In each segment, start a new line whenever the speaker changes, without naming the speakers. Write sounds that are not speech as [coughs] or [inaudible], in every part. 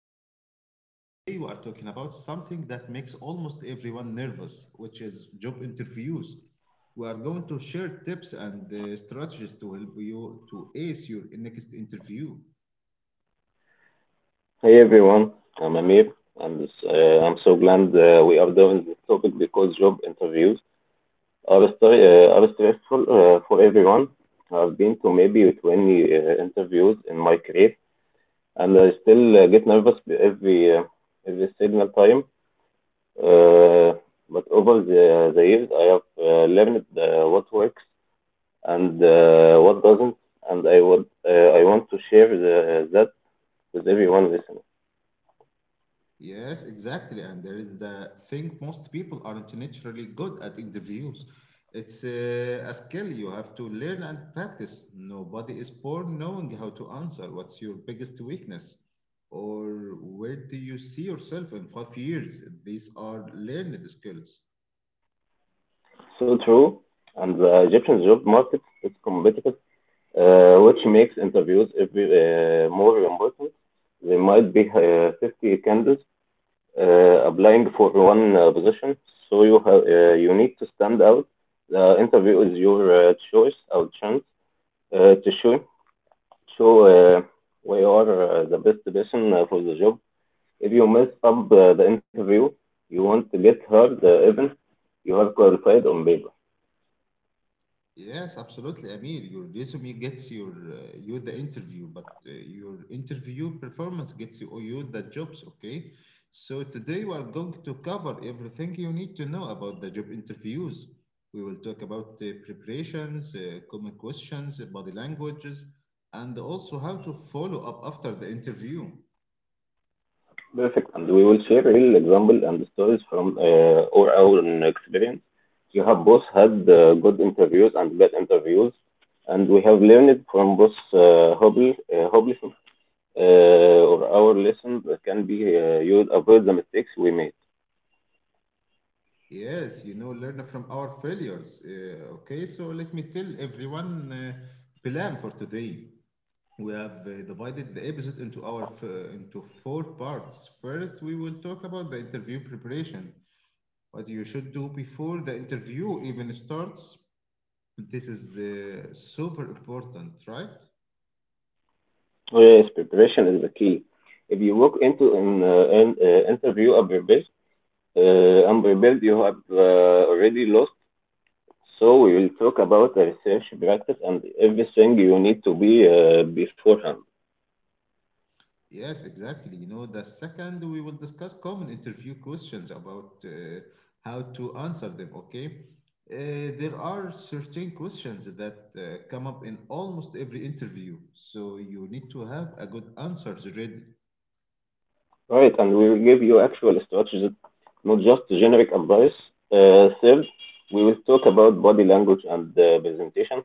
host Ahmed, and today we are talking about something that makes almost everyone nervous, which is job interviews. We are going to share tips and strategies to help you to ace your next interview.
Hey everyone, I'm Amir, and I'm so glad we are doing this topic because job interviews are, are stressful for everyone. I've been to maybe 20 interviews in my career, and I still get nervous every uh, every signal time. Uh, but over the years, I have learned what works and what doesn't, and I want to share that with everyone listening.
Yes, exactly. And there is the thing, most people aren't naturally good at interviews. It's a skill you have to learn and practice. Nobody is born knowing how to answer. What's your biggest weakness? Or where do you see yourself in 5 years? These are learned skills.
So true. And the Egyptian job market is competitive, which makes interviews more important. There might be 50 candidates applying for one position, so you need to stand out. The interview is your choice or chance to show where you are the best person for the job. If you mess up the interview, you want to get hurt even you have qualified on paper.
Yes, absolutely, Amir. Your resume gets your you the interview, but your interview performance gets you the jobs. Okay, so today we are going to cover everything you need to know about the job interviews. We will talk about the preparations, common questions, body languages, and also how to follow up after the interview.
Perfect. And we will share real example and stories from our own experience. We have both had good interviews and bad interviews, and we have learned from both hobby, hobby or our lessons that can be used avoid the mistakes we made.
Yes, you know, learn from our failures. Okay, so let me tell everyone plan for today. We have divided the episode into into four parts. First, we will talk about the interview preparation, what you should do before the interview even starts. This is super important, right?
Oh, yes, preparation is the key. If you walk into an interview unprepared, you have already lost. So we will talk about the research practice and everything you need to be beforehand.
Yes, exactly. You know, the second we will discuss common interview questions about how to answer them. Okay, there are certain questions that come up in almost every interview, so you need to have a good answers ready.
Right, and we will give you actual strategies, not just generic advice. Third, we will talk about body language and presentation,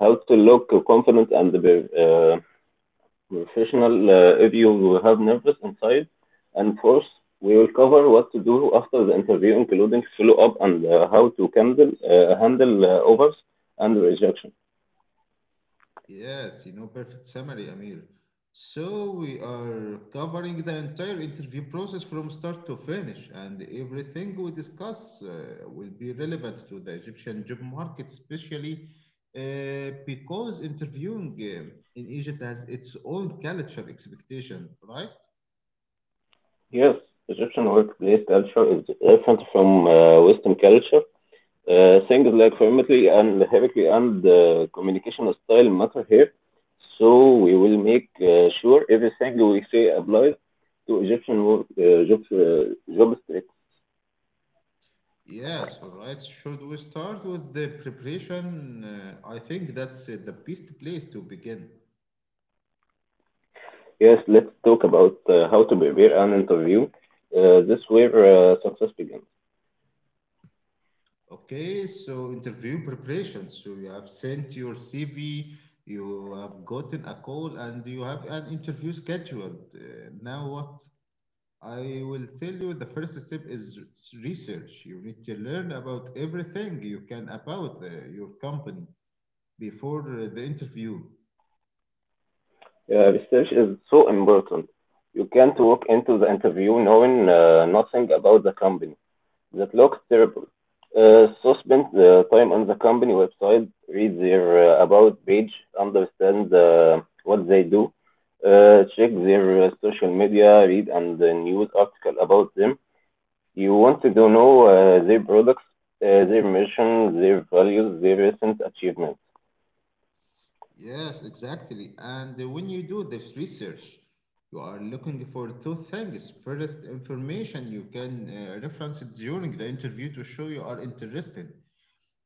how to look confident and professional if you have nervous inside. And fourth, we will cover what to do after the interview, including follow up and how to handle overs and rejection.
Yes, you know, perfect summary, Amir. So we are covering the entire interview process from start to finish, and everything we discuss will be relevant to the Egyptian job market, especially because interviewing in Egypt has its own culture expectation, right?
Yes, Egyptian workplace culture is different from Western culture. Things like formality and hierarchy and communication style matter here. So we will make sure everything we say applies to Egyptian job street.
Yes, all right. Should we start with the preparation? I think that's the best place to begin.
Yes, let's talk about how to prepare an interview. This where success begins.
Okay, so interview preparation. So you have sent your CV, you have gotten a call, and you have an interview scheduled. Now, what I will tell you the first step is research. You need to learn about everything you can about your company before the interview.
Research is so important. You can't walk into the interview knowing nothing about the company. That looks terrible. So spend the time on the company website, read their about page, understand what they do, check their social media, read and the news article about them. You want to know their products, their mission, their values, their recent achievements.
Yes, exactly. And when you do this research, you are looking for two things. First, information you can reference it during the interview to show you are interested.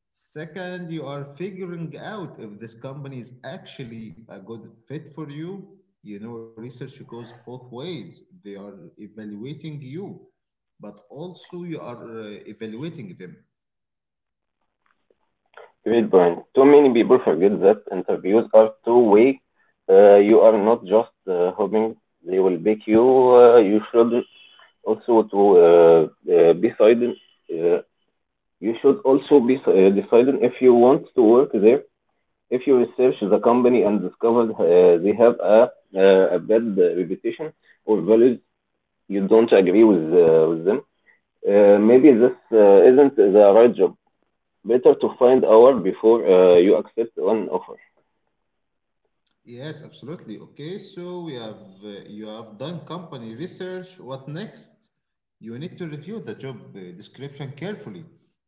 Second, you are figuring out if this company is actually a good fit for you. You know, research goes both ways. They are evaluating you, but also you are evaluating them.
Great point. Too many people forget that interviews are two-way. You are not just hoping they will pick you. You should also to decide uh, you should also be deciding if you want to work there if you research the company and discover they have a bad reputation or values you don't agree with them maybe this isn't the right job. Better to find out before you accept an offer.
Yes, absolutely. Okay, so we have you have done company research. What next? You need to review the job description carefully,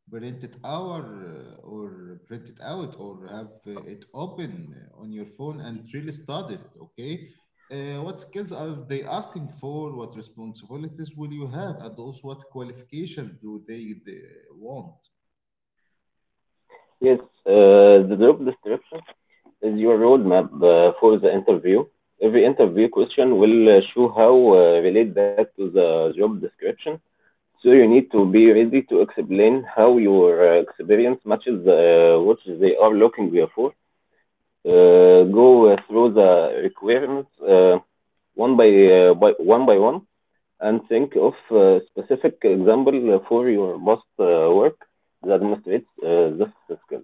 print it out or have it open on your phone and really study it. Okay, what skills are they asking for? What responsibilities will you have, and also what qualifications do they want?
Yes, the job description is your roadmap for the interview. Every interview question will show how relate that to the job description. So you need to be ready to explain how your experience matches what they are looking for. Go through the requirements one by one and think of a specific example for your most work that demonstrates this skill.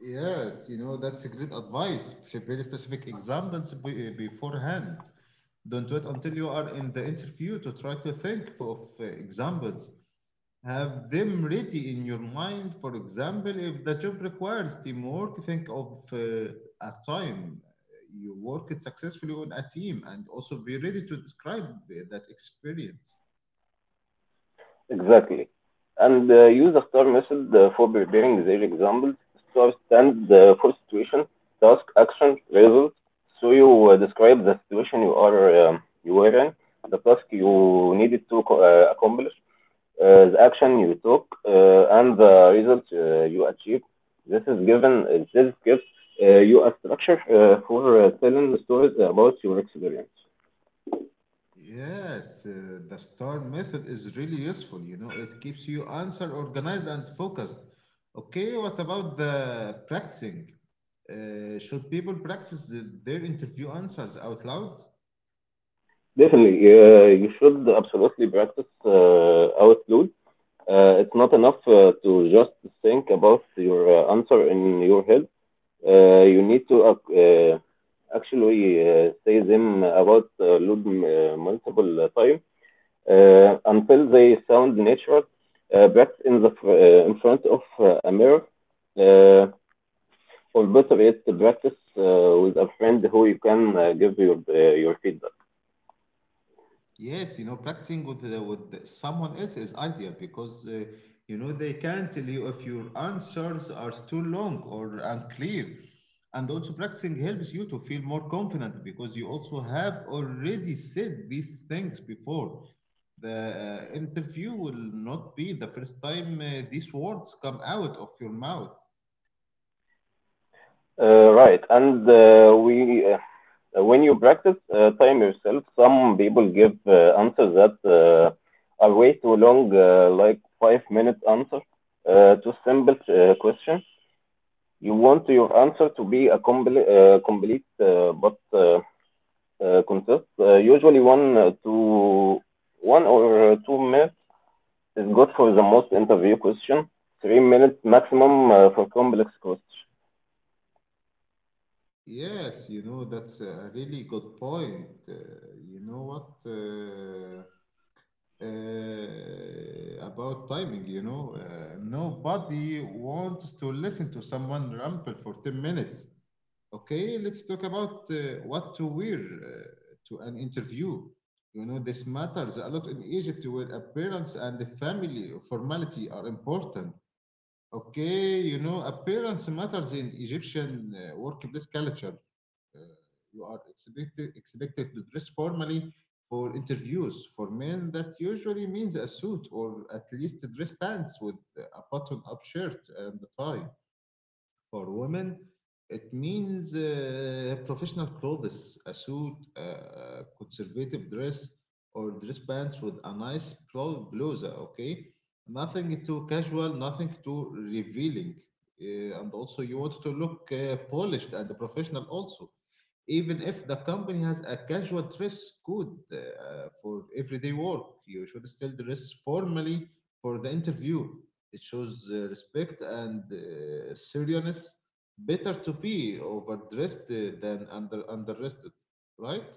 Yes, you know, that's a great advice. Prepare specific examples beforehand. Don't wait until you are in the interview to try to think of examples. Have them ready in your mind. For example, if the job requires teamwork, think of a time you worked successfully on a team, and also be ready to describe that experience.
Exactly. And use a star method for preparing their examples. Stars stand for situation, task, action, result. So you describe the situation you were in, the task you needed to accomplish, the action you took, and the result you achieved. This is given. This gives you a structure for telling stories about your experience.
Yes, the STAR method is really useful. You know, it keeps you answer organized and focused. Okay, what about the practicing? Should people practice their interview answers out loud?
Definitely, you should absolutely practice outload. It's not enough to just think about your answer in your head. You need to uh, actually say them about loud multiple time until they sound natural. Practice in in front of a mirror, uh, or better yet, practice with a friend who you can give your feedback.
Yes, you know, practicing with someone else is ideal because you know they can tell you if your answers are too long or unclear. And also practicing helps you to feel more confident because you also have already said these things before. The interview will not be the first time these words come out of your mouth.
Right, and we when you practice time yourself, some people give answers that are way too long, like 5 minute answer to simple question. You want your answer to be complete but consists usually one or 2 minutes is good for the most interview question. 3 minutes maximum for complex question.
Yes, you know, that's a really good point. You know what? About timing, you know. Nobody wants to listen to someone ramble for 10 minutes. Okay, let's talk about what to wear to an interview. You know, this matters a lot in Egypt where appearance and the family formality are important. Okay, you know, appearance matters in Egyptian workplace culture. Uh, you are expected to dress formally for interviews. For men, that usually means a suit or at least dress pants with a button-up shirt and a tie. For women, it means professional clothes, a suit, a conservative dress, or dress pants with a nice blusa, okay? Nothing too casual, nothing too revealing. And also, you want to look polished and professional, also. Even if the company has a casual dress code for everyday work, you should still dress formally for the interview. It shows respect and seriousness. Better to be overdressed than underdressed, right?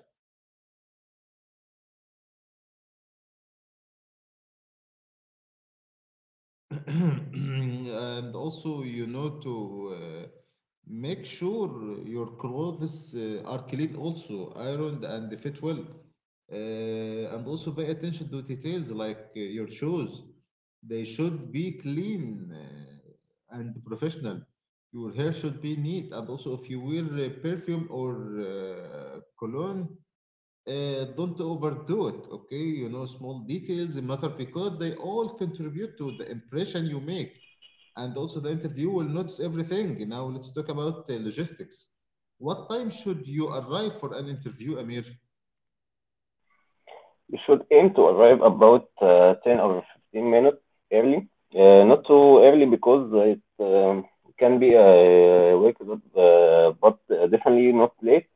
[clears throat] And also, you know, to make sure your clothes are clean, also ironed and fit well, and also pay attention to details like your shoes. They should be clean and professional. Your hair should be neat, and also if you wear perfume or cologne, don't overdo it, okay? You know, small details matter because they all contribute to the impression you make, and also the interview will notice everything. Now let's talk about logistics. What time should you arrive for an interview, Amir?
You should aim to arrive about 10 or 15 minutes early. Not too early because it can be a wake up, but definitely not late.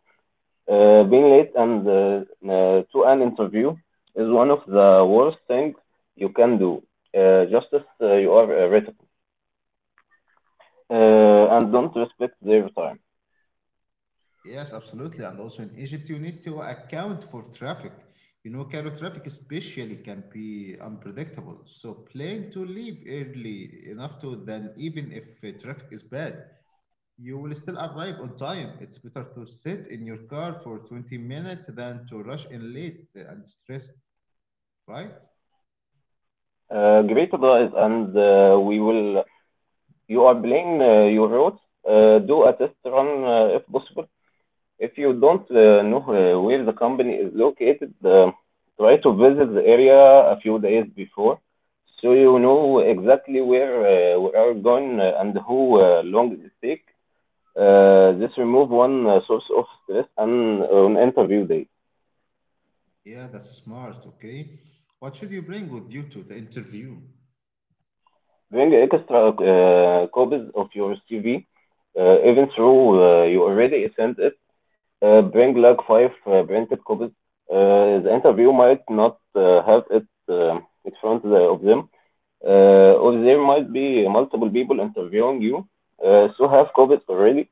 Being late and to an interview is one of the worst things you can do. Just as you are rated, and don't respect their time.
Yes, absolutely. And also in Egypt you need to account for traffic. You know, Cairo traffic especially can be unpredictable, so plan to leave early enough to then even if traffic is bad, you will still arrive on time. It's better to sit in your car for 20 minutes than to rush in late and stressed, right?
Great advice, and we will. You are playing your routes. Do a test run if possible. If you don't know where the company is located, try to visit the area a few days before so you know exactly where we are going and who long it take. This remove one source of stress and on interview day.
Yeah, that's smart, okay. What should you bring with you to the interview?
Bring extra copies of your CV, even though you already sent it. Bring like five printed copies. The interview might not have it in front of them, or there might be multiple people interviewing you. So have copies already.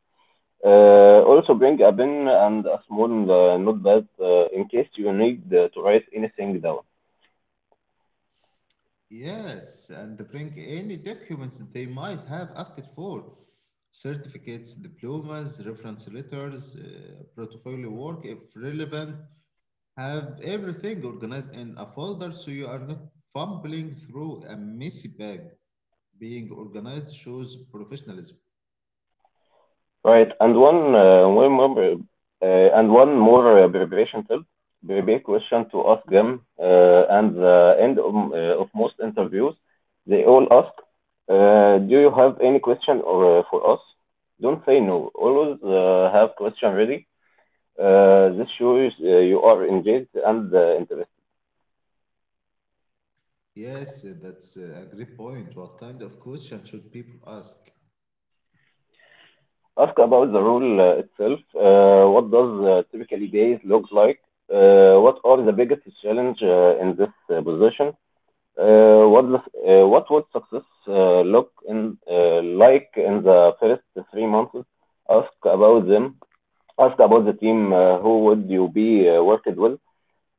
Also bring a pen and a small notepad in case you need to write anything down.
Yes, and bring any documents they might have asked for. Certificates, diplomas, reference letters, portfolio work if relevant. Have everything organized in a folder so you are not fumbling through a messy bag. Being organized shows professionalism.
Right. And one one more and one more preparation tip, prepare question to ask them. And the end of most interviews, they all ask, "Do you have any question for us?" Don't say no. Always have question ready. This shows you are engaged and interested.
Yes, that's a great point. What kind of question should people ask?
Ask about the role itself. What does typically days look like? What are the biggest challenge in this position? What would success look in like in the first 3 months? Ask about them. Ask about the team. Who would you be working with?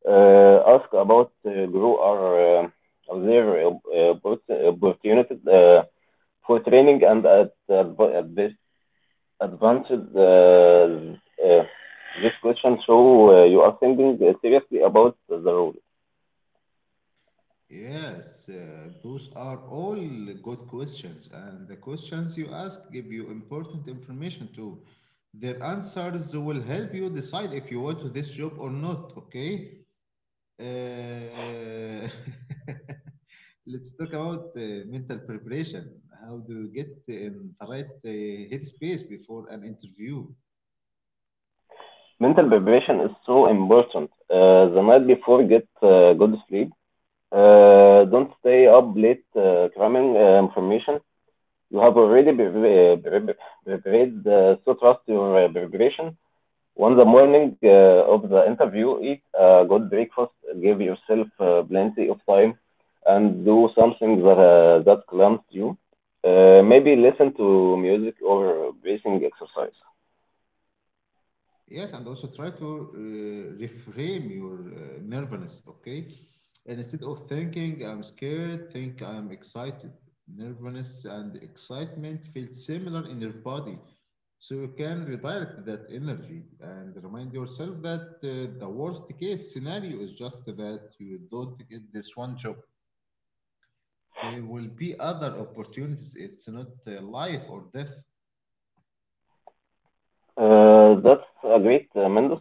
Ask about grow or their opportunities for training and at, adv- at this advanced uh, uh, this question. So you are thinking seriously about the role.
Yes, those are all good questions, and the questions you ask give you important information too. Their answers will help you decide if you want this job or not, okay? Uh, [laughs] let's talk about mental preparation. How do you get in the right headspace before an interview?
Mental preparation is so important. The night before, get good sleep. Don't stay up late cramming information. You have already prepared, so trust your preparation. On the morning of the interview, eat a good breakfast, give yourself plenty of time, and do something that calms you. Maybe listen to music or breathing exercise.
Yes, and also try to reframe your nervousness, okay? And instead of thinking I'm scared, think I'm excited. Nervousness and excitement feel similar in your body, so you can redirect that energy and remind yourself that the worst case scenario is just that you don't get this one job. There will be other opportunities. It's not life or death.
That's a great, Mendes.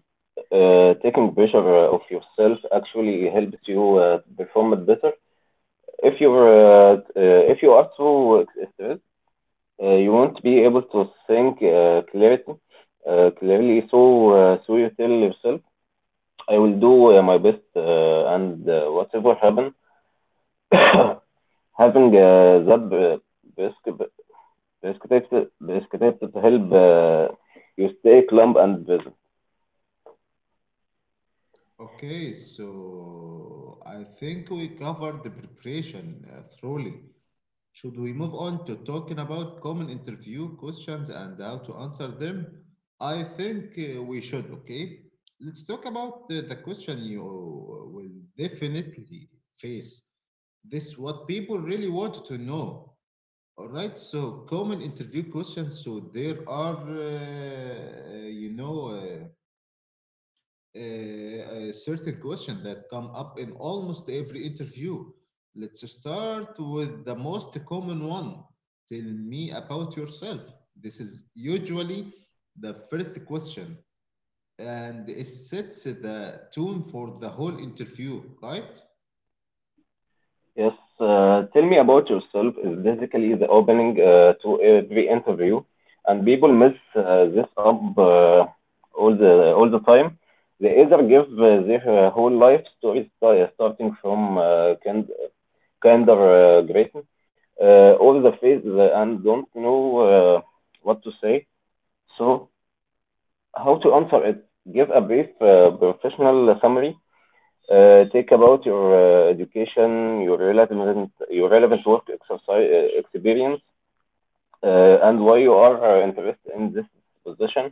Taking pressure off yourself actually helps you perform it better. If you are too stressed, you won't be able to think clarity, clearly. So you tell yourself, I will do my best, and whatever happen, [coughs] having that prescript- prescriptive prescriptive help you stay calm and busy.
Okay, so I think we covered the preparation thoroughly. Should we move on to talking about common interview questions and how to answer them? I think we should, okay? Let's talk about the question you will definitely face. This what people really want to know. All right, so common interview questions. So there are, certain question that come up in almost every interview. Let's start with the most common one. Tell me about yourself. This is usually the first question, and it sets the tone for the whole interview, right?
Yes, tell me about yourself is basically the opening to every interview, and people miss this up all the time. They either give their whole life story starting from kinder Grayson, all the phase and don't know what to say. So, how to answer it? Give a brief professional summary. Take about your education, your relevant work exercise, experience, and why you are interested in this position.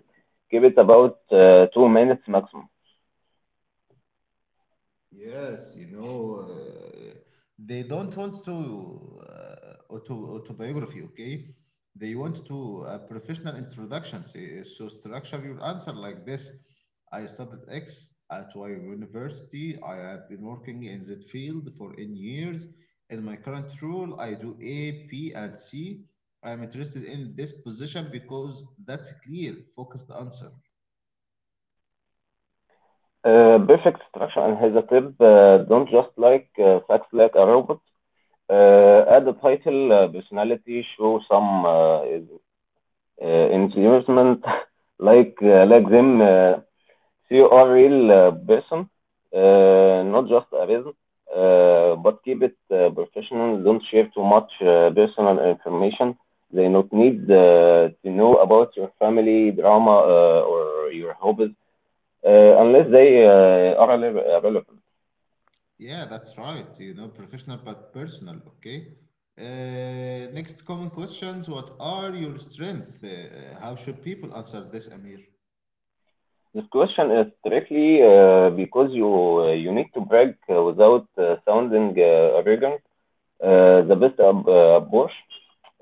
Give it about 2 minutes maximum.
Yes, you know, they don't want to autobiography, okay? They want to professional introduction. So structure your answer like this. I studied X at Y University. I have been working in that field for N years. In my current role, I do A, P, and C. I'm interested in this position because that's clear, focused answer.
Perfect structure, and here's a tip. Don't just like facts like a robot. Add a title, personality, show some enthusiasm, [laughs] like them CUREL person, not just a reason, but keep it professional. Don't share too much personal information. They not need to know about your family drama or your hobbies uh, unless they are relevant.
Yeah, that's right. You know, professional but personal. Okay. Next common questions. What are your strengths? How should people answer this, Amir?
This question is strictly because you need to brag without sounding arrogant. The best approach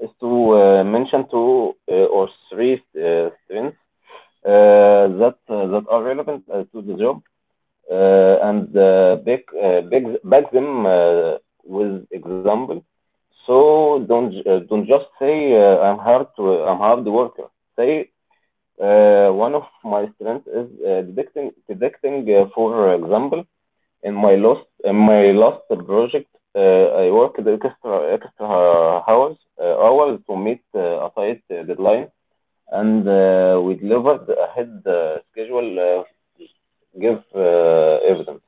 is to mention two or three strengths that are relevant to the job and back them with example. So don't just say, I'm hard to I'm hard worker. Say one of my strengths is detecting. For example, in my last project, I worked extra hours to meet a tight deadline, and we delivered ahead schedule. Give evidence.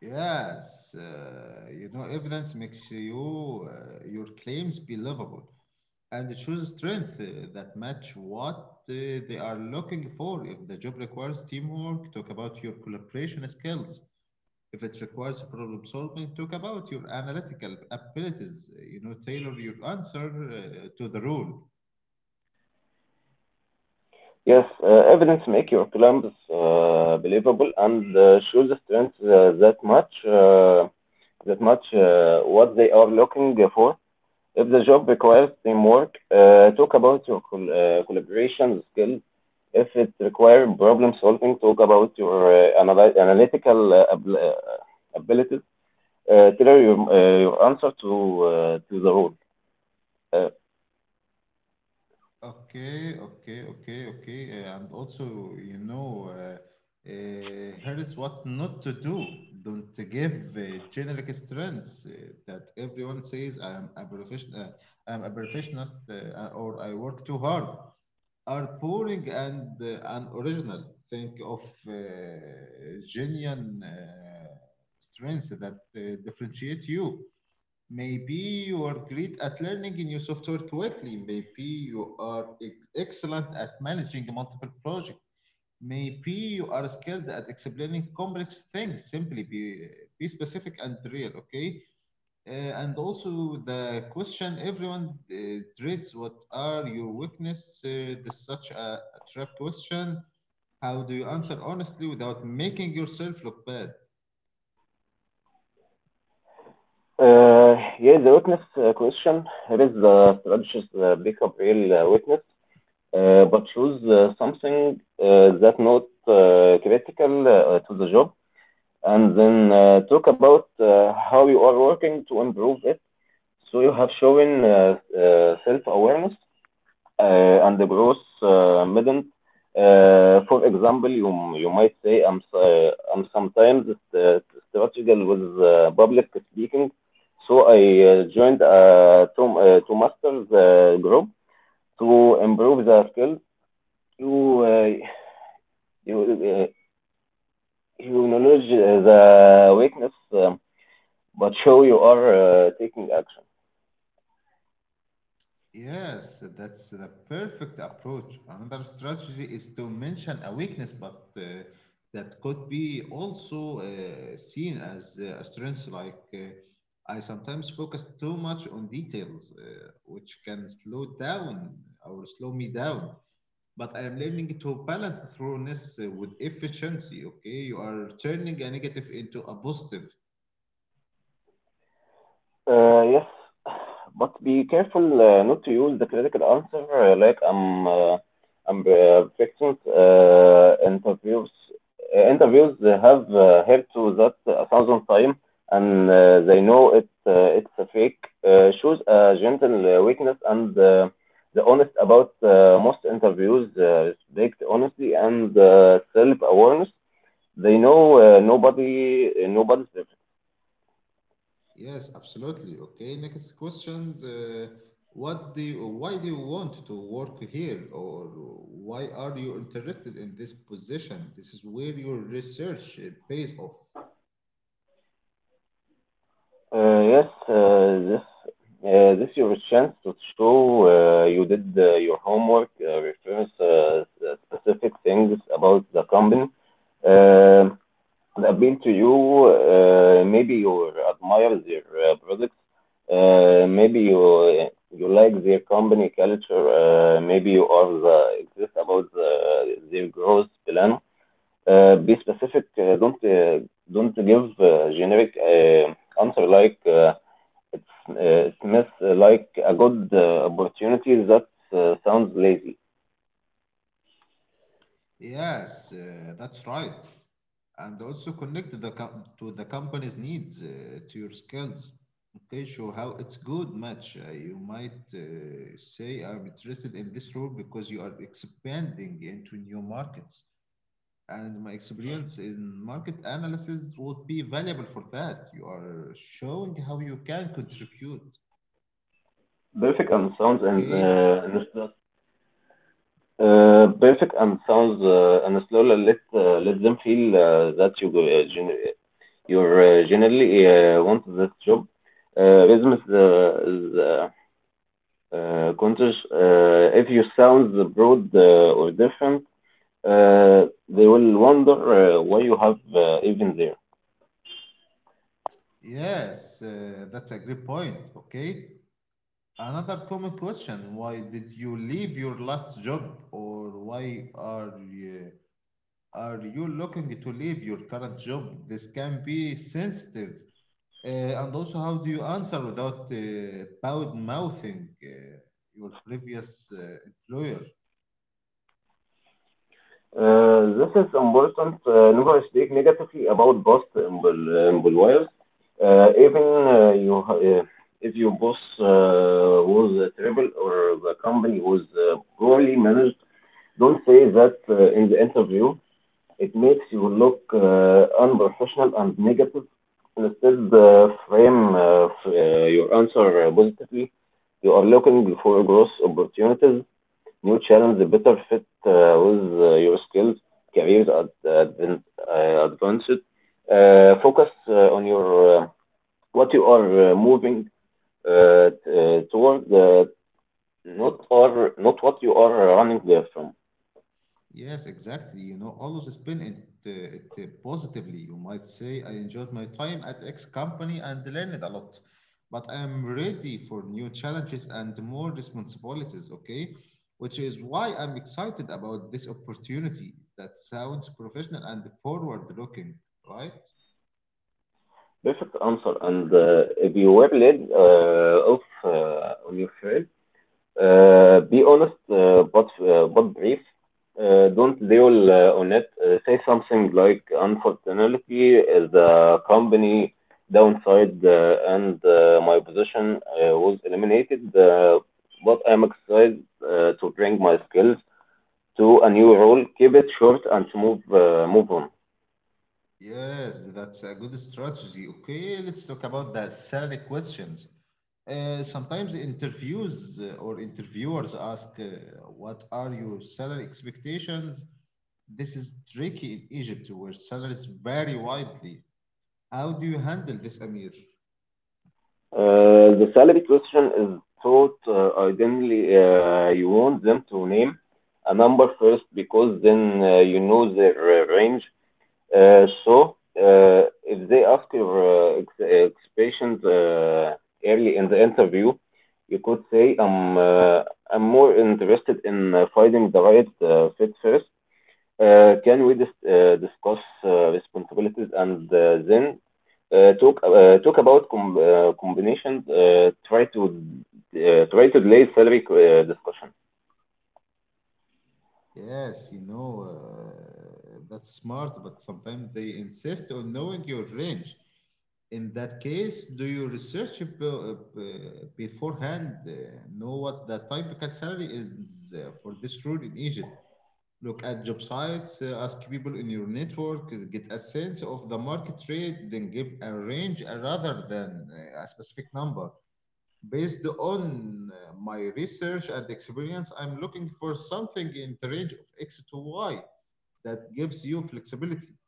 Yes. You know, evidence makes your claims believable, and choose strength that match what they are looking for. If the job requires teamwork, talk about your collaboration skills. If it requires problem solving, talk about your analytical abilities. You know, tailor your answer to the rule.
Yes, evidence make your claims believable, and show the strength that much that much what they are looking for. If the job requires teamwork, talk about your collaboration skills. If it requires problem solving, talk about your analytical abilities. Tailor your answer to the role. Uh,
Okay, okay, okay, okay. And also, you know, here is what not to do. Don't give generic strengths that everyone says. I am a professional, I am a professionist, or I work too hard. Are pouring and original. Think of uh, genuine strengths that differentiate you. Maybe you are great at learning a new software quickly. Maybe you are excellent at managing multiple projects. Maybe you are skilled at explaining complex things. Simply be specific and real. Okay, and also the question everyone dreads, what are your weakness? This such a trap questions. How do you answer honestly without making yourself look bad?
uh, yeah, the witness question. It is the strategist pick up real witness, but choose something that not critical to the job, and then talk about how you are working to improve it. So you have shown self-awareness and the growth midden. For example, you might say, I'm sometimes uh, strategical with public speaking, so I joined to masters group to improve the skills. You uh, you uh, you acknowledge the weakness. But show you are taking action.
Yes, that's the perfect approach. Another strategy is to mention a weakness but that could be also seen as a strength, like I sometimes focus too much on details, which can slow down or slow me down, but I am learning to balance thoroughness with efficiency. Okay, you are turning a negative into a positive.
Yes, but be careful not to use the critical answer, like I'm perfectionist. Interviews have heard to that a thousand times, and they know it's a fake. Shows a gentle weakness, and the honest about most interviews. Respect honesty and self awareness. They know nobody's.
Yes, absolutely. Okay, next questions. What do you, why do you want to work here, or why are you interested in this position? This is where your research pays off.
Yes, this your chance to show you did your homework, reference specific things about the company uh, that appeal to you. Maybe you admire their products. Maybe you like their company culture. Maybe you are the exist about the, their growth plan. Be specific. Don't give generic answer like. It's uh, it's miss like a good opportunity that sounds lazy.
Yes, that's right. And also connect the to the company's needs to your skills. Okay, show how it's good match. Uh, you might say, I'm interested in this role because you are expanding into new markets and my experience in market analysis would be valuable for that. You are showing how you can contribute.
Perfect and sounds and
Okay.
perfect and sounds and slowly let let them feel that you're generally want this job. Rhythm is conscious. If you sound broad or different, they will wonder why you have even there.
Yes, that's a great point. Okay. Another common question: why did you leave your last job, or why are are you looking to leave your current job? This can be sensitive, uh, and also how do you answer without bad mouthing your previous employer?
This is important. Never speak negatively about both employers, even you ha- if your boss was terrible or the company was poorly managed. Don't say that in the interview. It makes you look unprofessional and negative. Instead, your answer positively. You are looking for growth opportunities, new challenge, better fit with your skills, careers advanced. Focus on your what you are moving toward, not or not what you are running there from.
Yes, exactly. You know, always spin it positively. You might say, I enjoyed my time at X company and learned a lot, but I am ready for new challenges and more responsibilities, okay? Which is why I'm excited about this opportunity. That sounds professional and forward-looking, right?
Perfect answer. And if you were led off on your trail, be honest, but brief. Don't dwell on it. Say something like, unfortunately, the company downsized, and my position was eliminated. But I'm excited to bring my skills to a new role. Keep it short and move on.
Yes, that's a good strategy. Okay, let's talk about the salary questions. Sometimes interviews or interviewers ask, what are your salary expectations? This is tricky in Egypt where salaries vary widely. How do you handle this, Amir?
The salary question is thought. Ideally you want them to name a number first, because then you know their range. So if they ask your expectations early in the interview, you could say, I'm more interested in finding the right fit first. Can we discuss responsibilities and then talk about combinations. Try to delay salary discussion.
Yes, you know, that's smart, but sometimes they insist on knowing your range. In that case, do you research beforehand, know what the typical salary is for this role in Egypt? Look at job sites, ask people in your network, get a sense of the market rate, then give a range rather than a specific number. Based on my research and experience, I'm looking for something in the range of X to Y. That gives you flexibility.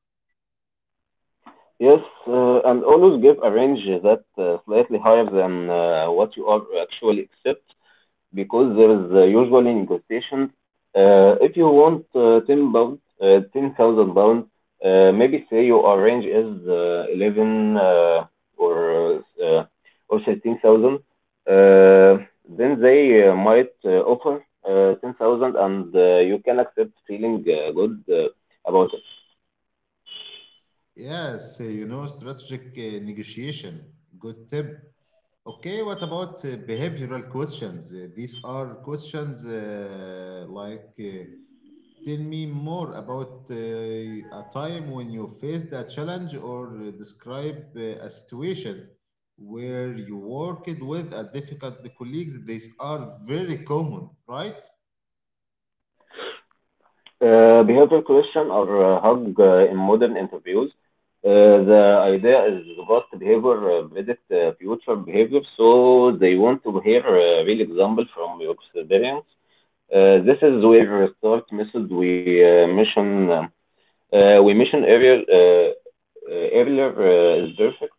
Yes, and always give a range that slightly higher than what you are actually accept, because there is usually negotiations. If you want 10 pounds, 10,000 pounds, maybe say your range is 11, or uh, or 13,000, uh, then they might offer 10,000, and you can accept feeling good about.
Yes, you know, strategic negotiation. Good tip. Okay, what about behavioral questions? These are questions like. Tell me more about a time when you faced a challenge, or describe a situation where you worked with a difficult colleagues. These are very common, right?
Behavioral question or hug in modern interviews. The idea is past behavior predict future behavior, so they want to hear a real example from your experience. This is where start method we mention we mentioned earlier earlier is perfect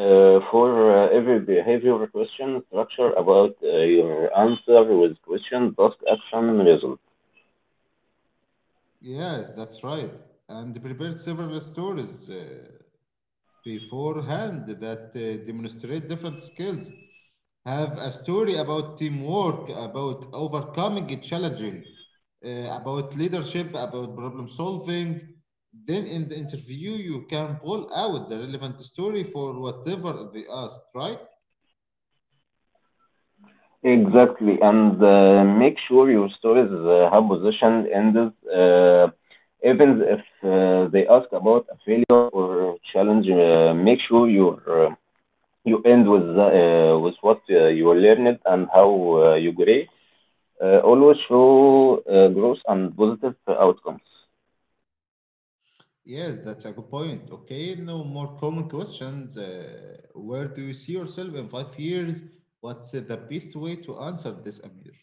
for every behavioral question. Structure about your answer with question, task, action, result.
Yes, that's right. And prepare several stories beforehand that demonstrate different skills. Have a story about teamwork, about overcoming a challenging, uh, about leadership, about problem solving. Then in the interview, you can pull out the relevant story for whatever they ask, right?
Exactly, and make sure your stories have position ends, even if they ask about a failure or challenge. Make sure you you end with with what you learned and how you grew. Always show growth and positive outcomes.
Yes, that's a good point. Okay, no more common questions. Where do you see yourself in 5 years? What's the best way to answer this, Amir?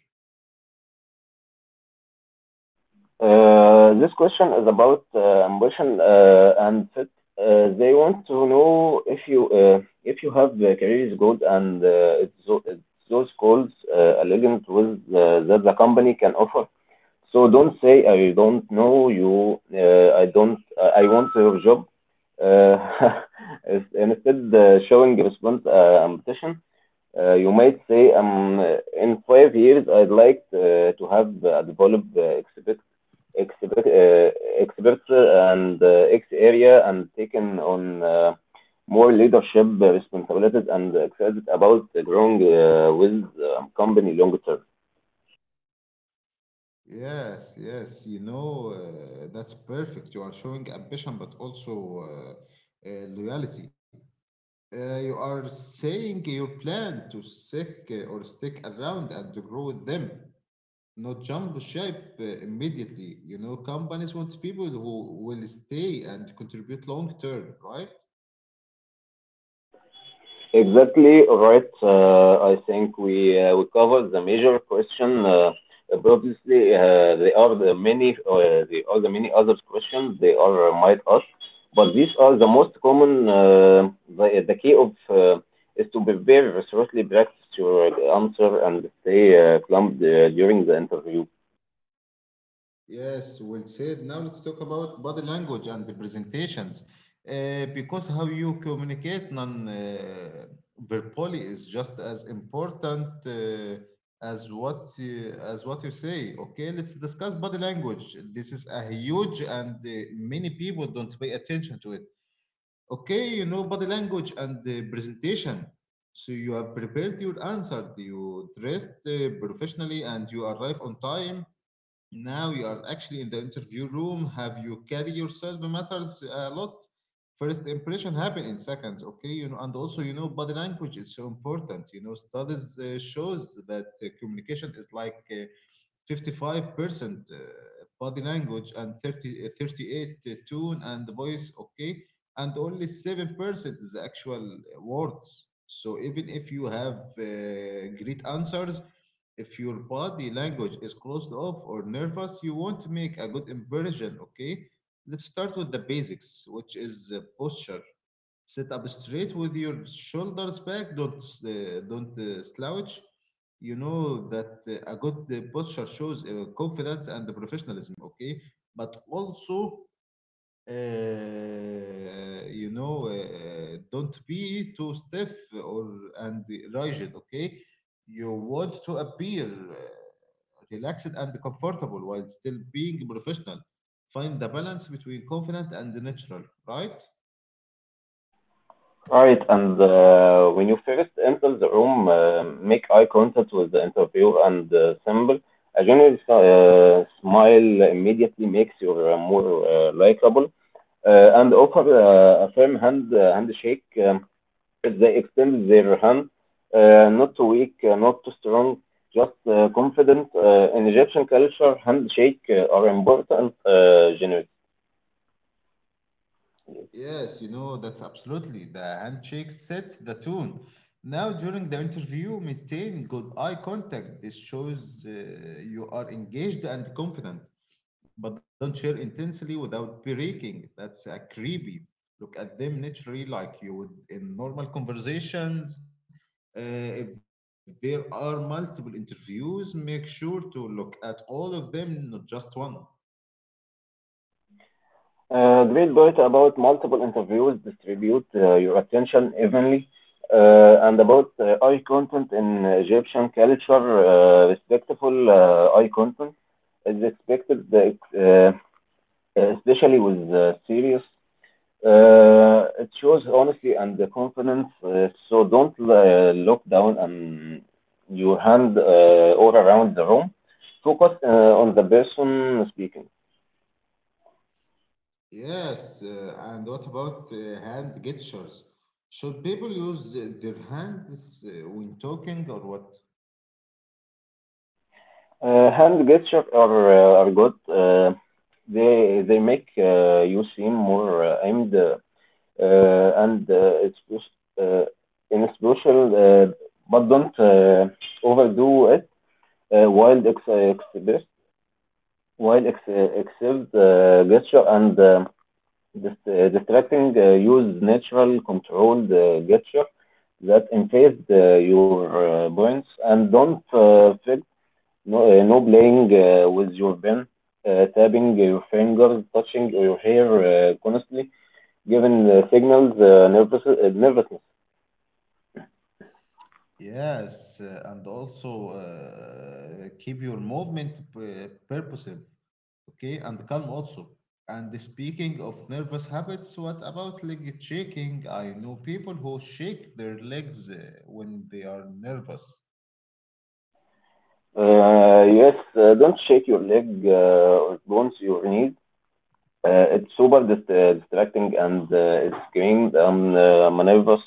This question is about ambition and fit. They want to know if you have the career goals, and it's if those goals aligned with the- that the company can offer. So don't say, "I don't know you. I don't. I want your job." Uh, [laughs] is- Instead, showing response ambition. You might say, in 5 years, I'd like to have developed expect, uh, expertise and X area and taken on more leadership responsibilities and excited about growing with company long term.
Yes, yes, you know, that's perfect. You are showing ambition, but also loyalty. You are saying your plan to stick or stick around and to grow with them, not jump ship immediately. You know, companies want people who will stay and contribute long term, right?
Exactly, right. I think we covered the major question. But obviously, there are the many other questions they are might ask, but these are the most common. The key of is to prepare very seriously, practice your answer and stay calm during the interview.
Yes, well said. Now let's talk about body language and the presentations. Because how you communicate non verbally is just as important as what as what you say. Okay, let's discuss body language. This is a huge and many people don't pay attention to it. Okay, you know, body language and the presentation. So you have prepared your answer. You dressed professionally and you arrive on time. Now you are actually in the interview room. Have you carry yourself matters a lot. First impression happen in seconds, okay? You know, and also you know body language is so important. You know, studies shows that communication is like 55% body language, and thirty thirty-eight tone and voice, okay, and only 7% is the actual words. So even if you have great answers, if your body language is closed off or nervous, you won't make a good impression. Okay, let's start with the basics, which is posture. Sit up straight with your shoulders back. Don't slouch. You know that a good posture shows confidence and professionalism. Okay, but also you know, don't be too stiff or and rigid. Okay, you want to appear uh, relaxed and comfortable while still being professional. Find the balance between confident and natural, right?
Right, and when you first enter the room, make eye contact with the interviewer and symbol. A general smile immediately makes you more likable. And offer a firm handshake if they extend their hand, not too weak, not too strong, just confident. In Egyptian culture, handshake are important generally.
Yes, you know, that's absolutely. The handshake sets the tone. Now, during the interview, maintain good eye contact. This shows you are engaged and confident, but don't share intensely without breaking. That's a creepy. Look at them naturally, like you would in normal conversations. If there are multiple interviews, make sure to look at all of them, not just one.
Great point about multiple interviews, distribute your attention evenly, and about eye content in Egyptian culture, respectful eye content is expected, especially with serious. It shows honesty and the confidence, so don't look down on your hand all around the room. Focus on the person speaking.
Yes, and what about hand gestures? Should people use their hands when talking or what?
Hand gestures are good. They make you seem more aimed, and it's uh, in special, but don't overdo it. Uh, wild ex express Wild ex excels gesture and distracting. Use natural controlled gesture that emphasize your points, and don't feel. No, no playing with your pen, tapping your fingers, touching your hair constantly, giving signals nervous, nervousness.
Yes, and also keep your movement purposive, okay, and calm also. And speaking of nervous habits, what about leg shaking? I know people who shake their legs when they are nervous.
Yes, don't shake your leg or bounce your knees. It's super distracting, and it's screamed and maneuvers.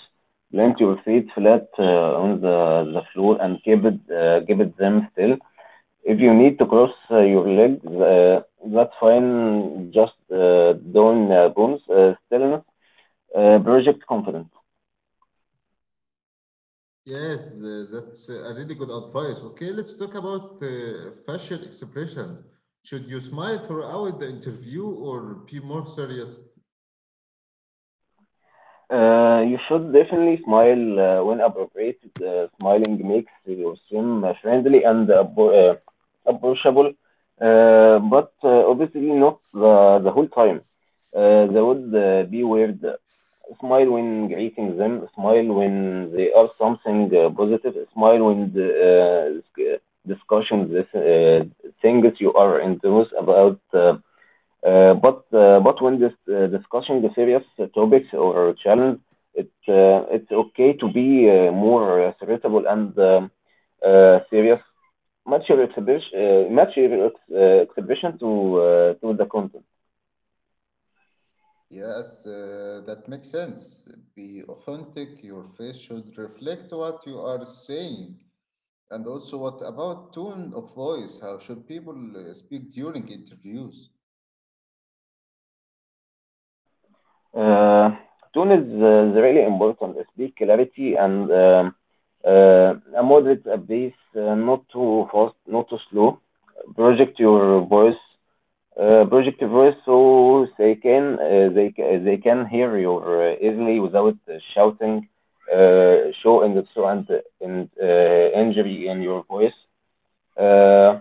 Plant your feet flat on the floor and keep it them still. If you need to cross your legs, that's fine. Just don't bounce. Stillness. Project confidence.
Yes, that's a really good advice. Okay, let's talk about facial expressions. Should you smile throughout the interview or be more serious?
You should definitely smile when appropriate. Smiling makes you seem friendly and approachable, but obviously not the whole time. That would be weird. Smile when greeting them, smile when they are something positive, smile when the, discussions, this, things you are enthused about. But when this discussing the serious topics or challenge, it's okay to be more ceritable and serious. Match your exhibition to the content.
Yes, that makes sense. Be authentic. Your face should reflect what you are saying. And also, what about tone of voice? How should people speak during interviews?
Uh, Tone is really important. Speak clarity and a moderate pace, not too fast, not too slow. Project your voice Project voice so they can they can hear you easily without shouting, show in the so and injury in your voice. Uh,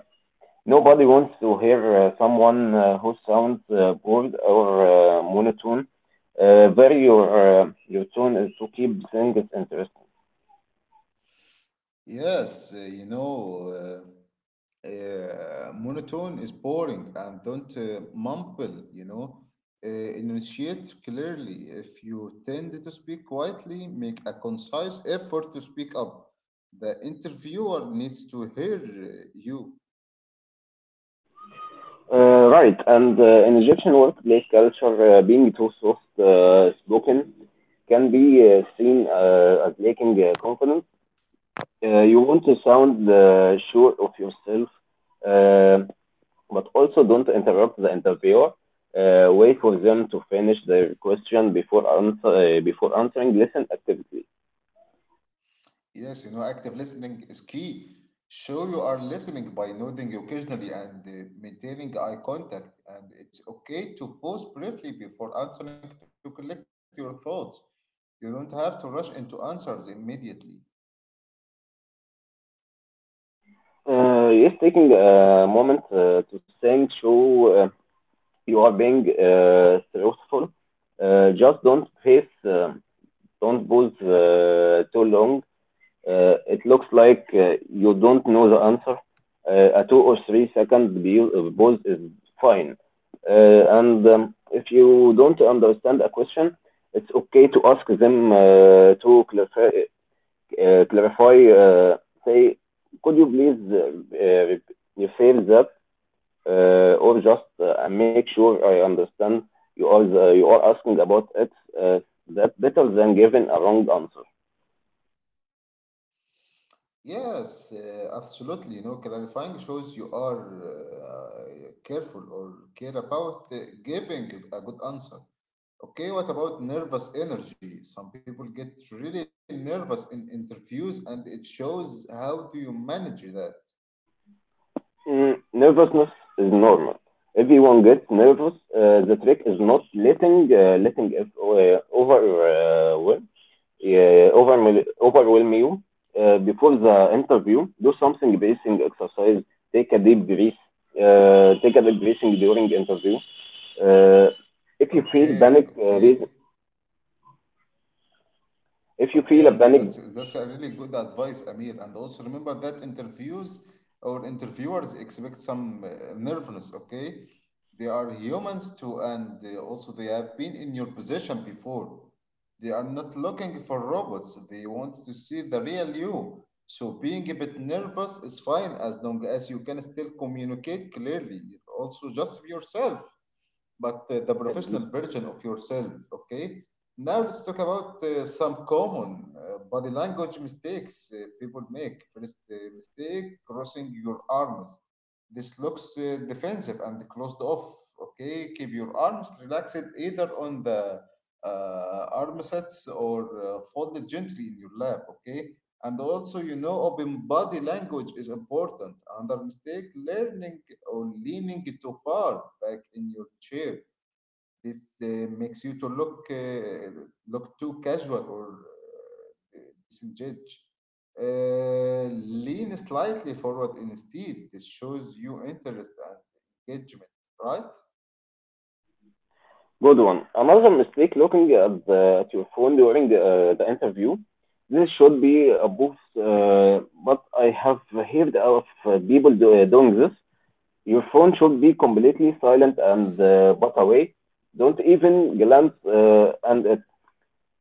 Nobody wants to hear someone who sounds bored or monotone. Vary your tone is to keep things interesting.
Yes, you know. Monotone is boring, and don't mumble, you know. Enunciate clearly. If you tend to speak quietly, make a concise effort to speak up. The interviewer needs to hear you.
Right, and in Egyptian workplace culture, being too soft spoken can be seen as lacking confidence. You want to sound sure of yourself, uh, but also don't interrupt the interviewer. Wait for them to finish their question before answering. Listen actively.
Yes, you know, active listening is key. Show you are listening by nodding occasionally and maintaining eye contact. And it's okay to pause briefly before answering to collect your thoughts. You don't have to rush into answers immediately.
Yes, taking a moment to think through, you are being truthful. Just don't face. Don't pause too long. It looks like you don't know the answer. A two or three second pause is fine. And If you don't understand a question, it's okay to ask them to clarify. Say, could you please refer that, or just make sure I understand you are asking about it. Uh, that's better than giving a wrong answer.
Yes, absolutely. You know, clarifying shows you are careful or care about giving a good answer. Okay, what about nervous energy? Some people get really nervous in interviews, and it shows how do you manage that.
Mm, nervousness is normal. Everyone gets nervous. The trick is not letting it overwhelm you. Before the interview, do something breathing exercise. Take a deep breath. Take a deep breathing during interview. Uh, if you feel
Okay,
panic,
okay.
reason- If
Okay,
you feel a
and
panic.
that's a really good advice, Amir. And also remember that interviews or interviewers expect some nervousness. Okay, they are humans too, and also they have been in your position before. They are not looking for robots. They want to see the real you. So being a bit nervous is fine as long as you can still communicate clearly. Also, just be yourself but the professional version of yourself. Okay. Now let's talk about some common body language mistakes people make. First mistake: crossing your arms. This looks defensive and closed off. Okay, keep your arms relaxed either on the arm sets or folded gently in your lap. Okay, and also you know open body language is important. Another mistake: learning or leaning too far back in your chair. This makes you to look look too casual or uh, disengaged. Uh, Lean slightly forward instead. This shows you interest and engagement, right?
Good one. Another mistake looking at your phone during the interview. This should be a boost, but I have heard of people doing this. Your phone should be completely silent and put away. Don't even glance and it,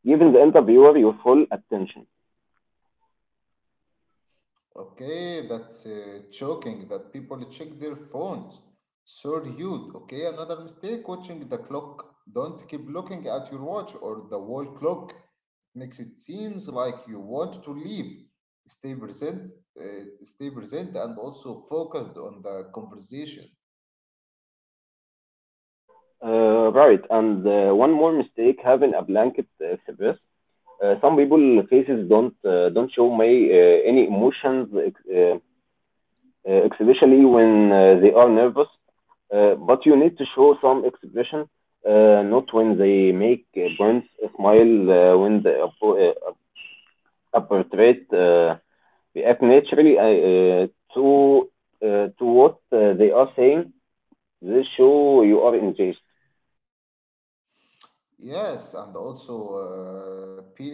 giving the interviewer your full attention.
Okay, that's choking that people check their phones. So rude. Okay, another mistake watching the clock. Don't keep looking at your watch or the wall clock. Makes it seems like you want to leave. Stay present, stay present, and also focused on the conversation.
Right, and one more mistake having a blanket express. Some people faces don't show may any emotions, especially when they are nervous. But you need to show some expression, not when they make burns smile, when they appo- portrait react naturally to to what they are saying. They show you are engaged.
Yes, and also be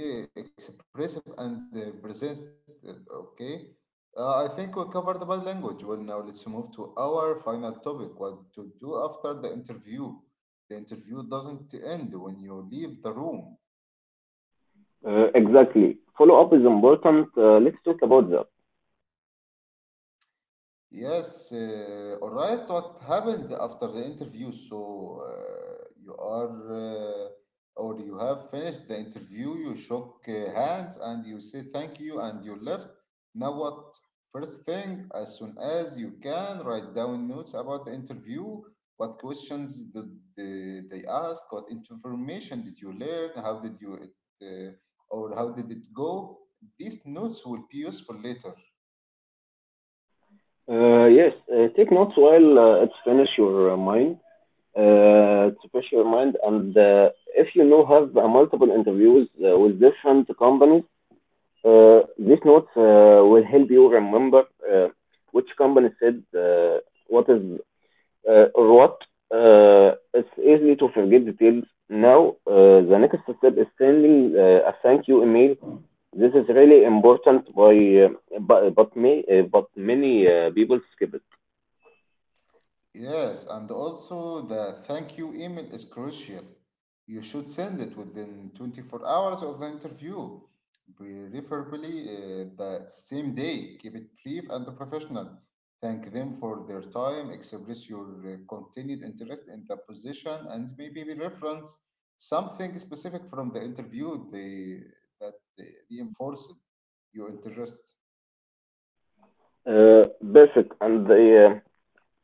expressive and present. Okay, I think we covered about language. Well, now let's move to our final topic: what to do after the interview. The interview doesn't end when you leave the room.
Exactly. Follow up is important. Let's talk about that.
Yes, all right. What happened after the interview? So you or you have finished the interview, you shook hands and you say thank you and you left. Now what? First thing, as soon as you can, write down notes about the interview. What questions did they ask? What information did you learn? How did you it, uh, or how did it go? These notes will be useful later.
Yes, take notes while it's finish your mind, to push your mind. And if you know have multiple interviews with different companies, these notes will help you remember uh, which company said what is or what. It's easy to forget details. Now, the next step is sending a thank you email. This is really important, by, but, may, but many people skip it.
Yes, and also the thank you email is crucial. You should send it within 24 hours of the interview, preferably the same day. Keep it brief and professional. Thank them for their time, express your continued interest in the position, and maybe we reference something specific from the interview that uh, reinforced your interest.
Perfect, and the.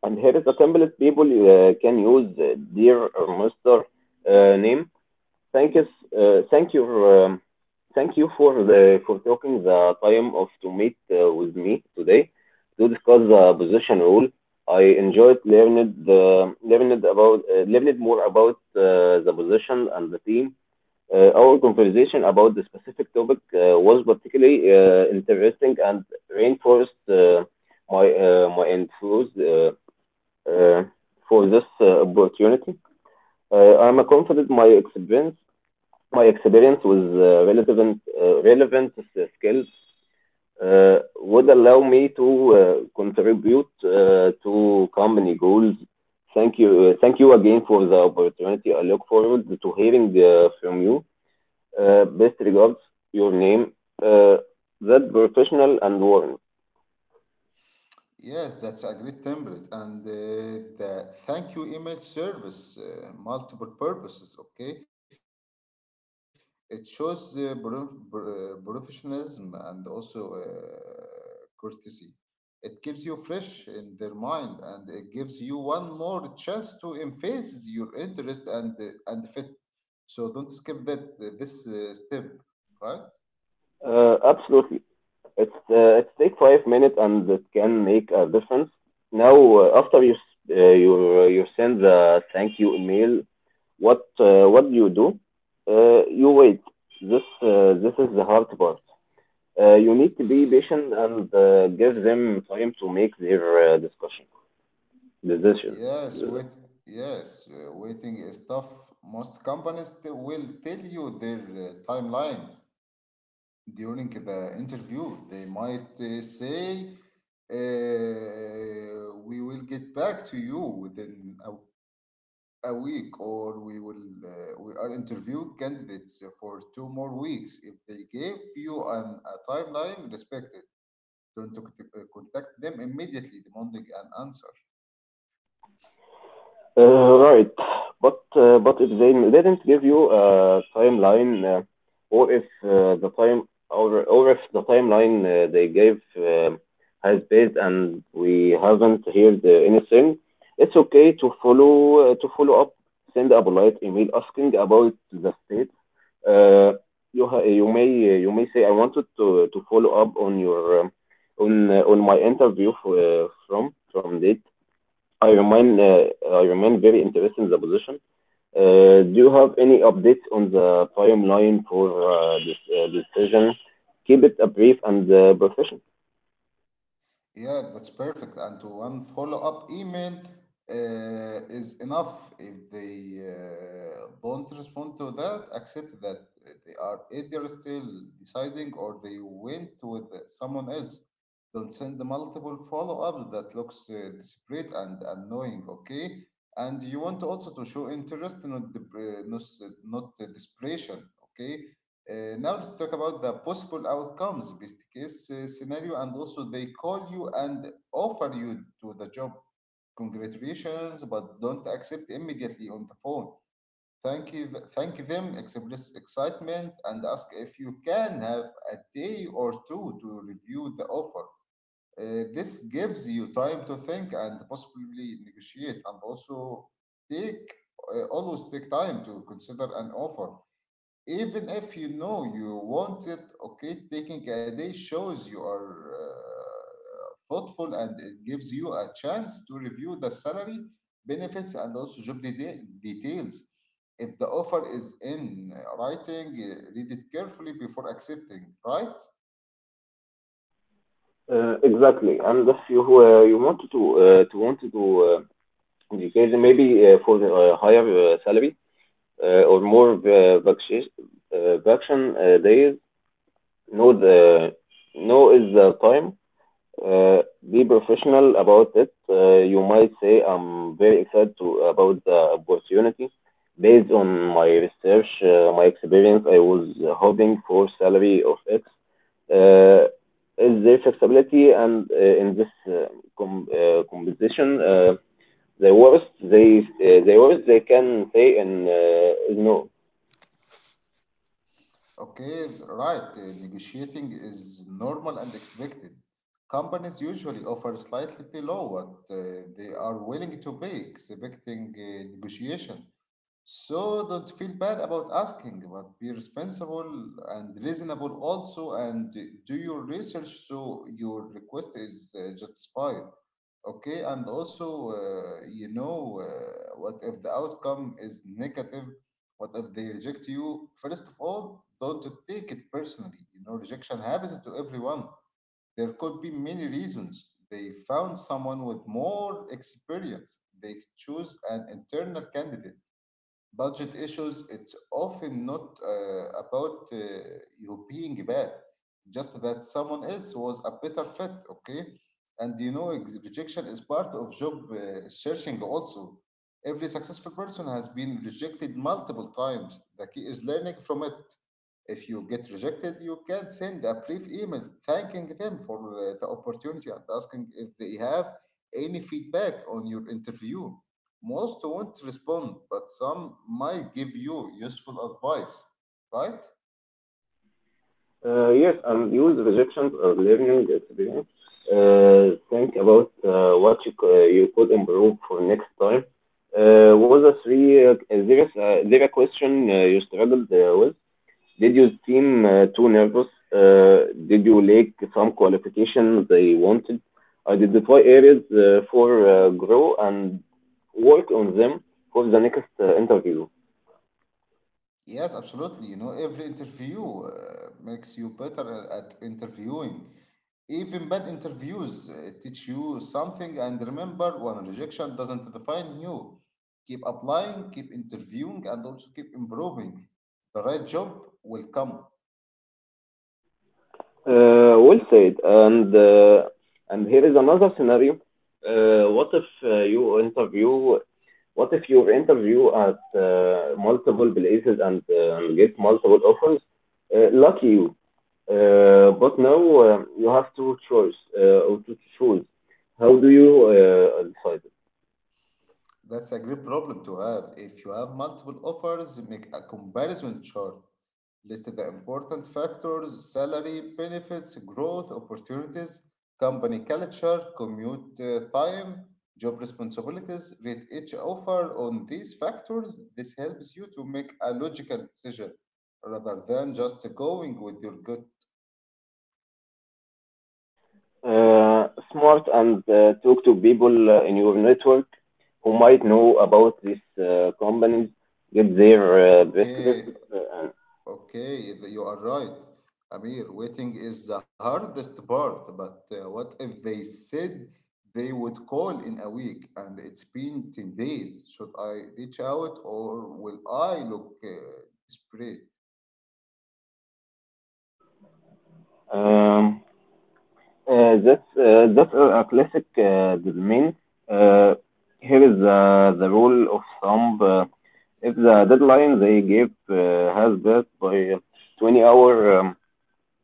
And here is a simplest people can use dear or Mr. Name. Thank you, uh, thank you, um, thank you for the for taking the time of to meet with me today to discuss the position rule. I enjoyed learning more about the position and the team. Our conversation about the specific topic was particularly interesting and reinforced my enthusiasm uh, for this opportunity. I'm confident my experience with relevant skills would allow me to contribute to company goals. Thank you again for the opportunity. I look forward to hearing from you. Best regards, your name. Uh, that professional and warm.
Yes, that's a great template. And the thank you email service, multiple purposes, okay? It shows professionalism and also courtesy. It keeps you fresh in their mind, and it gives you one more chance to emphasize your interest and fit. So don't skip that this step, right?
Absolutely. It take 5 minutes and it can make a difference. Now, you you send the thank you email, what do you do? You wait. This is the hard part. You need to be patient and give them time to make their discussion decision.
Yes, wait. Yes, waiting is tough. Most companies will tell you their timeline during the interview. They might say, "We will get back to you within a week," or "We will we are interviewing candidates for two more weeks." If they gave you a timeline, respect it. Don't contact them immediately, demanding an answer.
Right. But if they didn't give you a timeline, or if uh, the time or if the timeline they gave has been and we haven't heard anything, it's okay to follow up. Send a polite email asking about the state. Uh, you ha- you may you may say I wanted to follow up on your on my interview for, from date I remain very interested in the position. Do you have any updates on the timeline for this decision? Keep it brief and professional.
Yeah, that's perfect. And to one follow-up email is enough. If they don't respond to that, accept that they are either still deciding, or they went with someone else. Don't send the multiple follow-ups. That looks desperate and annoying. Okay, and you want also to show interest, not dep- not, s- not desperation. Okay, now let's talk about the possible outcomes. Best case scenario, and also they call you and offer you to the job. Congratulations, but don't accept immediately on the phone. Thank you, thank them, express excitement, and ask if you can have a day or two to review the offer. Uh, this gives you time to think and possibly negotiate, and also take always take time to consider an offer. Even if you know you want it, okay, taking a day shows you are thoughtful, and it gives you a chance to review the salary, benefits, and also job details. If the offer is in writing, read it carefully before accepting, right?
Exactly. And if you you wanted to wanted to educate maybe for higher salary or more vacation days, no the no is the time. Uh, be professional about it. You might say I'm very excited to, about the opportunity. Based on my research, my experience, I was hoping for salary of X. Uh, is there flexibility and in this composition? The worst they can say in is no.
Okay, right, negotiating is normal and expected. Companies usually offer slightly below what they are willing to pay, expecting negotiation. So don't feel bad about asking, but be responsible and reasonable also, and do your research so your request is justified. Okay, and also, what if the outcome is negative? What if they reject you? First of all, don't take it personally. You know, rejection happens to everyone. There could be many reasons. They found someone with more experience. They choose an internal candidate, budget issues. It's often not about you being bad, just that someone else was a better fit, okay? And you know, rejection is part of job searching also. Every successful person has been rejected multiple times. The key is learning from it. If you get rejected, you can send a brief email thanking them for the opportunity and asking if they have any feedback on your interview. Most won't respond, but some might give you useful advice, right?
Yes, and use rejections or learning experience. Think about what you could improve for next time. Was a three there is there a question you struggled with? Did you seem too nervous? Did you lack some qualifications they wanted? Identify areas for grow and work on them for the next interview.
Yes, absolutely. You know, every interview makes you better at interviewing. Even bad interviews teach you something. And remember, one rejection doesn't define you. Keep applying, keep interviewing, and also keep improving. The right job will come.
Well said. And here is another scenario. Uh, what if uh, you interview? What if you interview at multiple places and get multiple offers? Lucky you. But now you have two choice or to choose. How do you decide?
That's a great problem to have. If you have multiple offers, make a comparison chart. List the important factors: salary, benefits, growth, opportunities, company culture, commute time, job responsibilities. Rate each offer on these factors. This helps you to make a logical decision rather than just going with your gut.
Smart and talk to people in your network who might know about these companies, get their
Okay,
perspective.
Okay, you are right, Amir. Waiting is the hardest part, but what if they said they would call in a week and it's been 10 days? Should I reach out, or will I look desperate?
Um, that's a classic domain. Uh, Here is the rule of thumb. If the deadline they give has passed by 20 hour,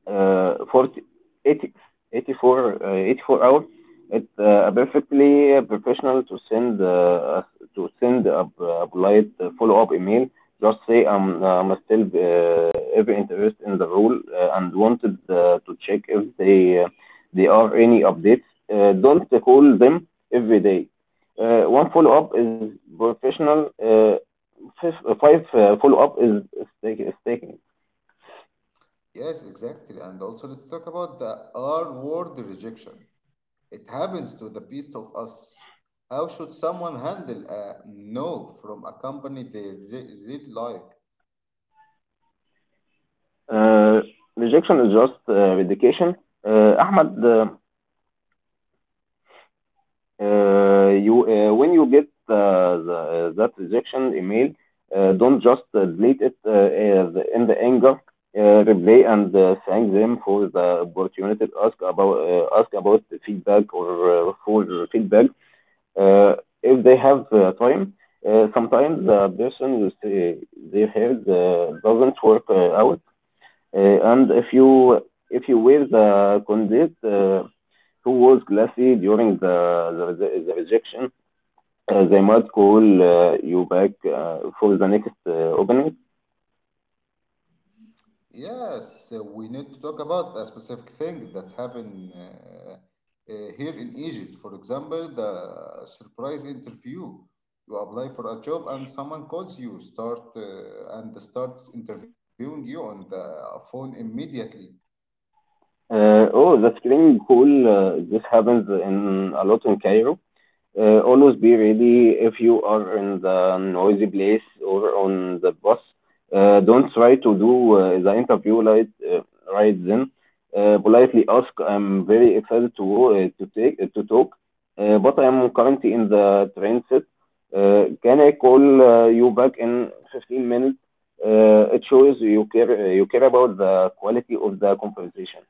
40, eighty, eighty-four, 84 hours. It's perfectly professional to send a polite follow-up email. Just say I'm still every interest in the role and wanted to check if they there are any updates. Don't call them every day. One follow-up is professional. Five, five follow-up is taking.
Yes, exactly. And also, let's talk about the R word: rejection. It happens to the best of us. How should someone handle a no from a company they really like?
Uh, Rejection is just vindication. Ahmad, you when you get that rejection email, don't just delete it as in the anger. Replay and thank them for the opportunity to ask about feedback or for feedback uh, if they have time. Sometimes the person you say they have doesn't work out. And if you wear the condit who was classy during the the rejection, they might call you back for the next opening.
Yes, we need to talk about a specific thing that happened here in Egypt. For example, the surprise interview. You apply for a job and someone calls you, start and starts interviewing you on the phone immediately.
Oh, the screening call. This happens in a lot in Cairo. Always be ready if you are in the noisy place or on the bus. Don't try to do the interview right then. Politely ask, I'm very excited to take to talk, but I'm currently in the transit. Can I call you back in 15 minutes? It shows you care about the quality of the conversation.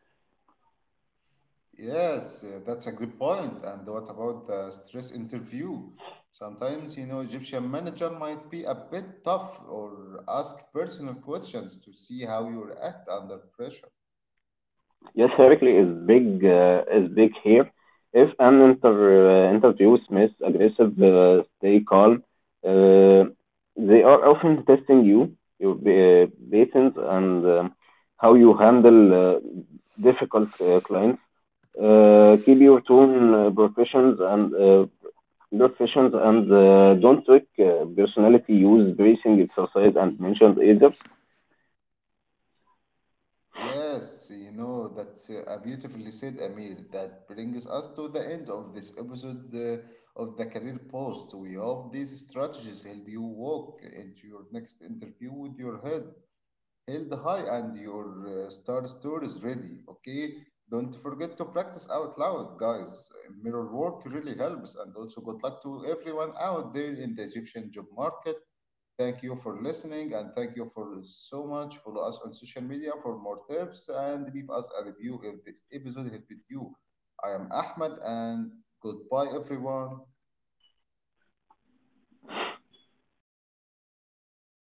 Yes, that's a great point. And what about the stress interview? Sometimes, you know, Egyptian manager might be a bit tough or ask personal questions to see how you react under pressure.
Yes, Heracles is big here. If an interview Smith aggressive, stay calm. Uh, they are often testing you, your patience, and how you handle difficult clients. Keep your tone professions and don't take personality use bracing exercise and mentioned either.
Yes, you know, that's a beautifully said, Amir. That brings us to the end of this episode of the Career Post. We hope these strategies help you walk into your next interview with your head held high and your star stories ready. Okay, don't forget to practice out loud, guys. Mirror work really helps, and also, good luck to everyone out there in the Egyptian job market. Thank you for listening, and thank you for so much. Follow us on social media for more tips, and leave us a review if this episode helped you. I am Ahmed, and goodbye, everyone.
[clears throat]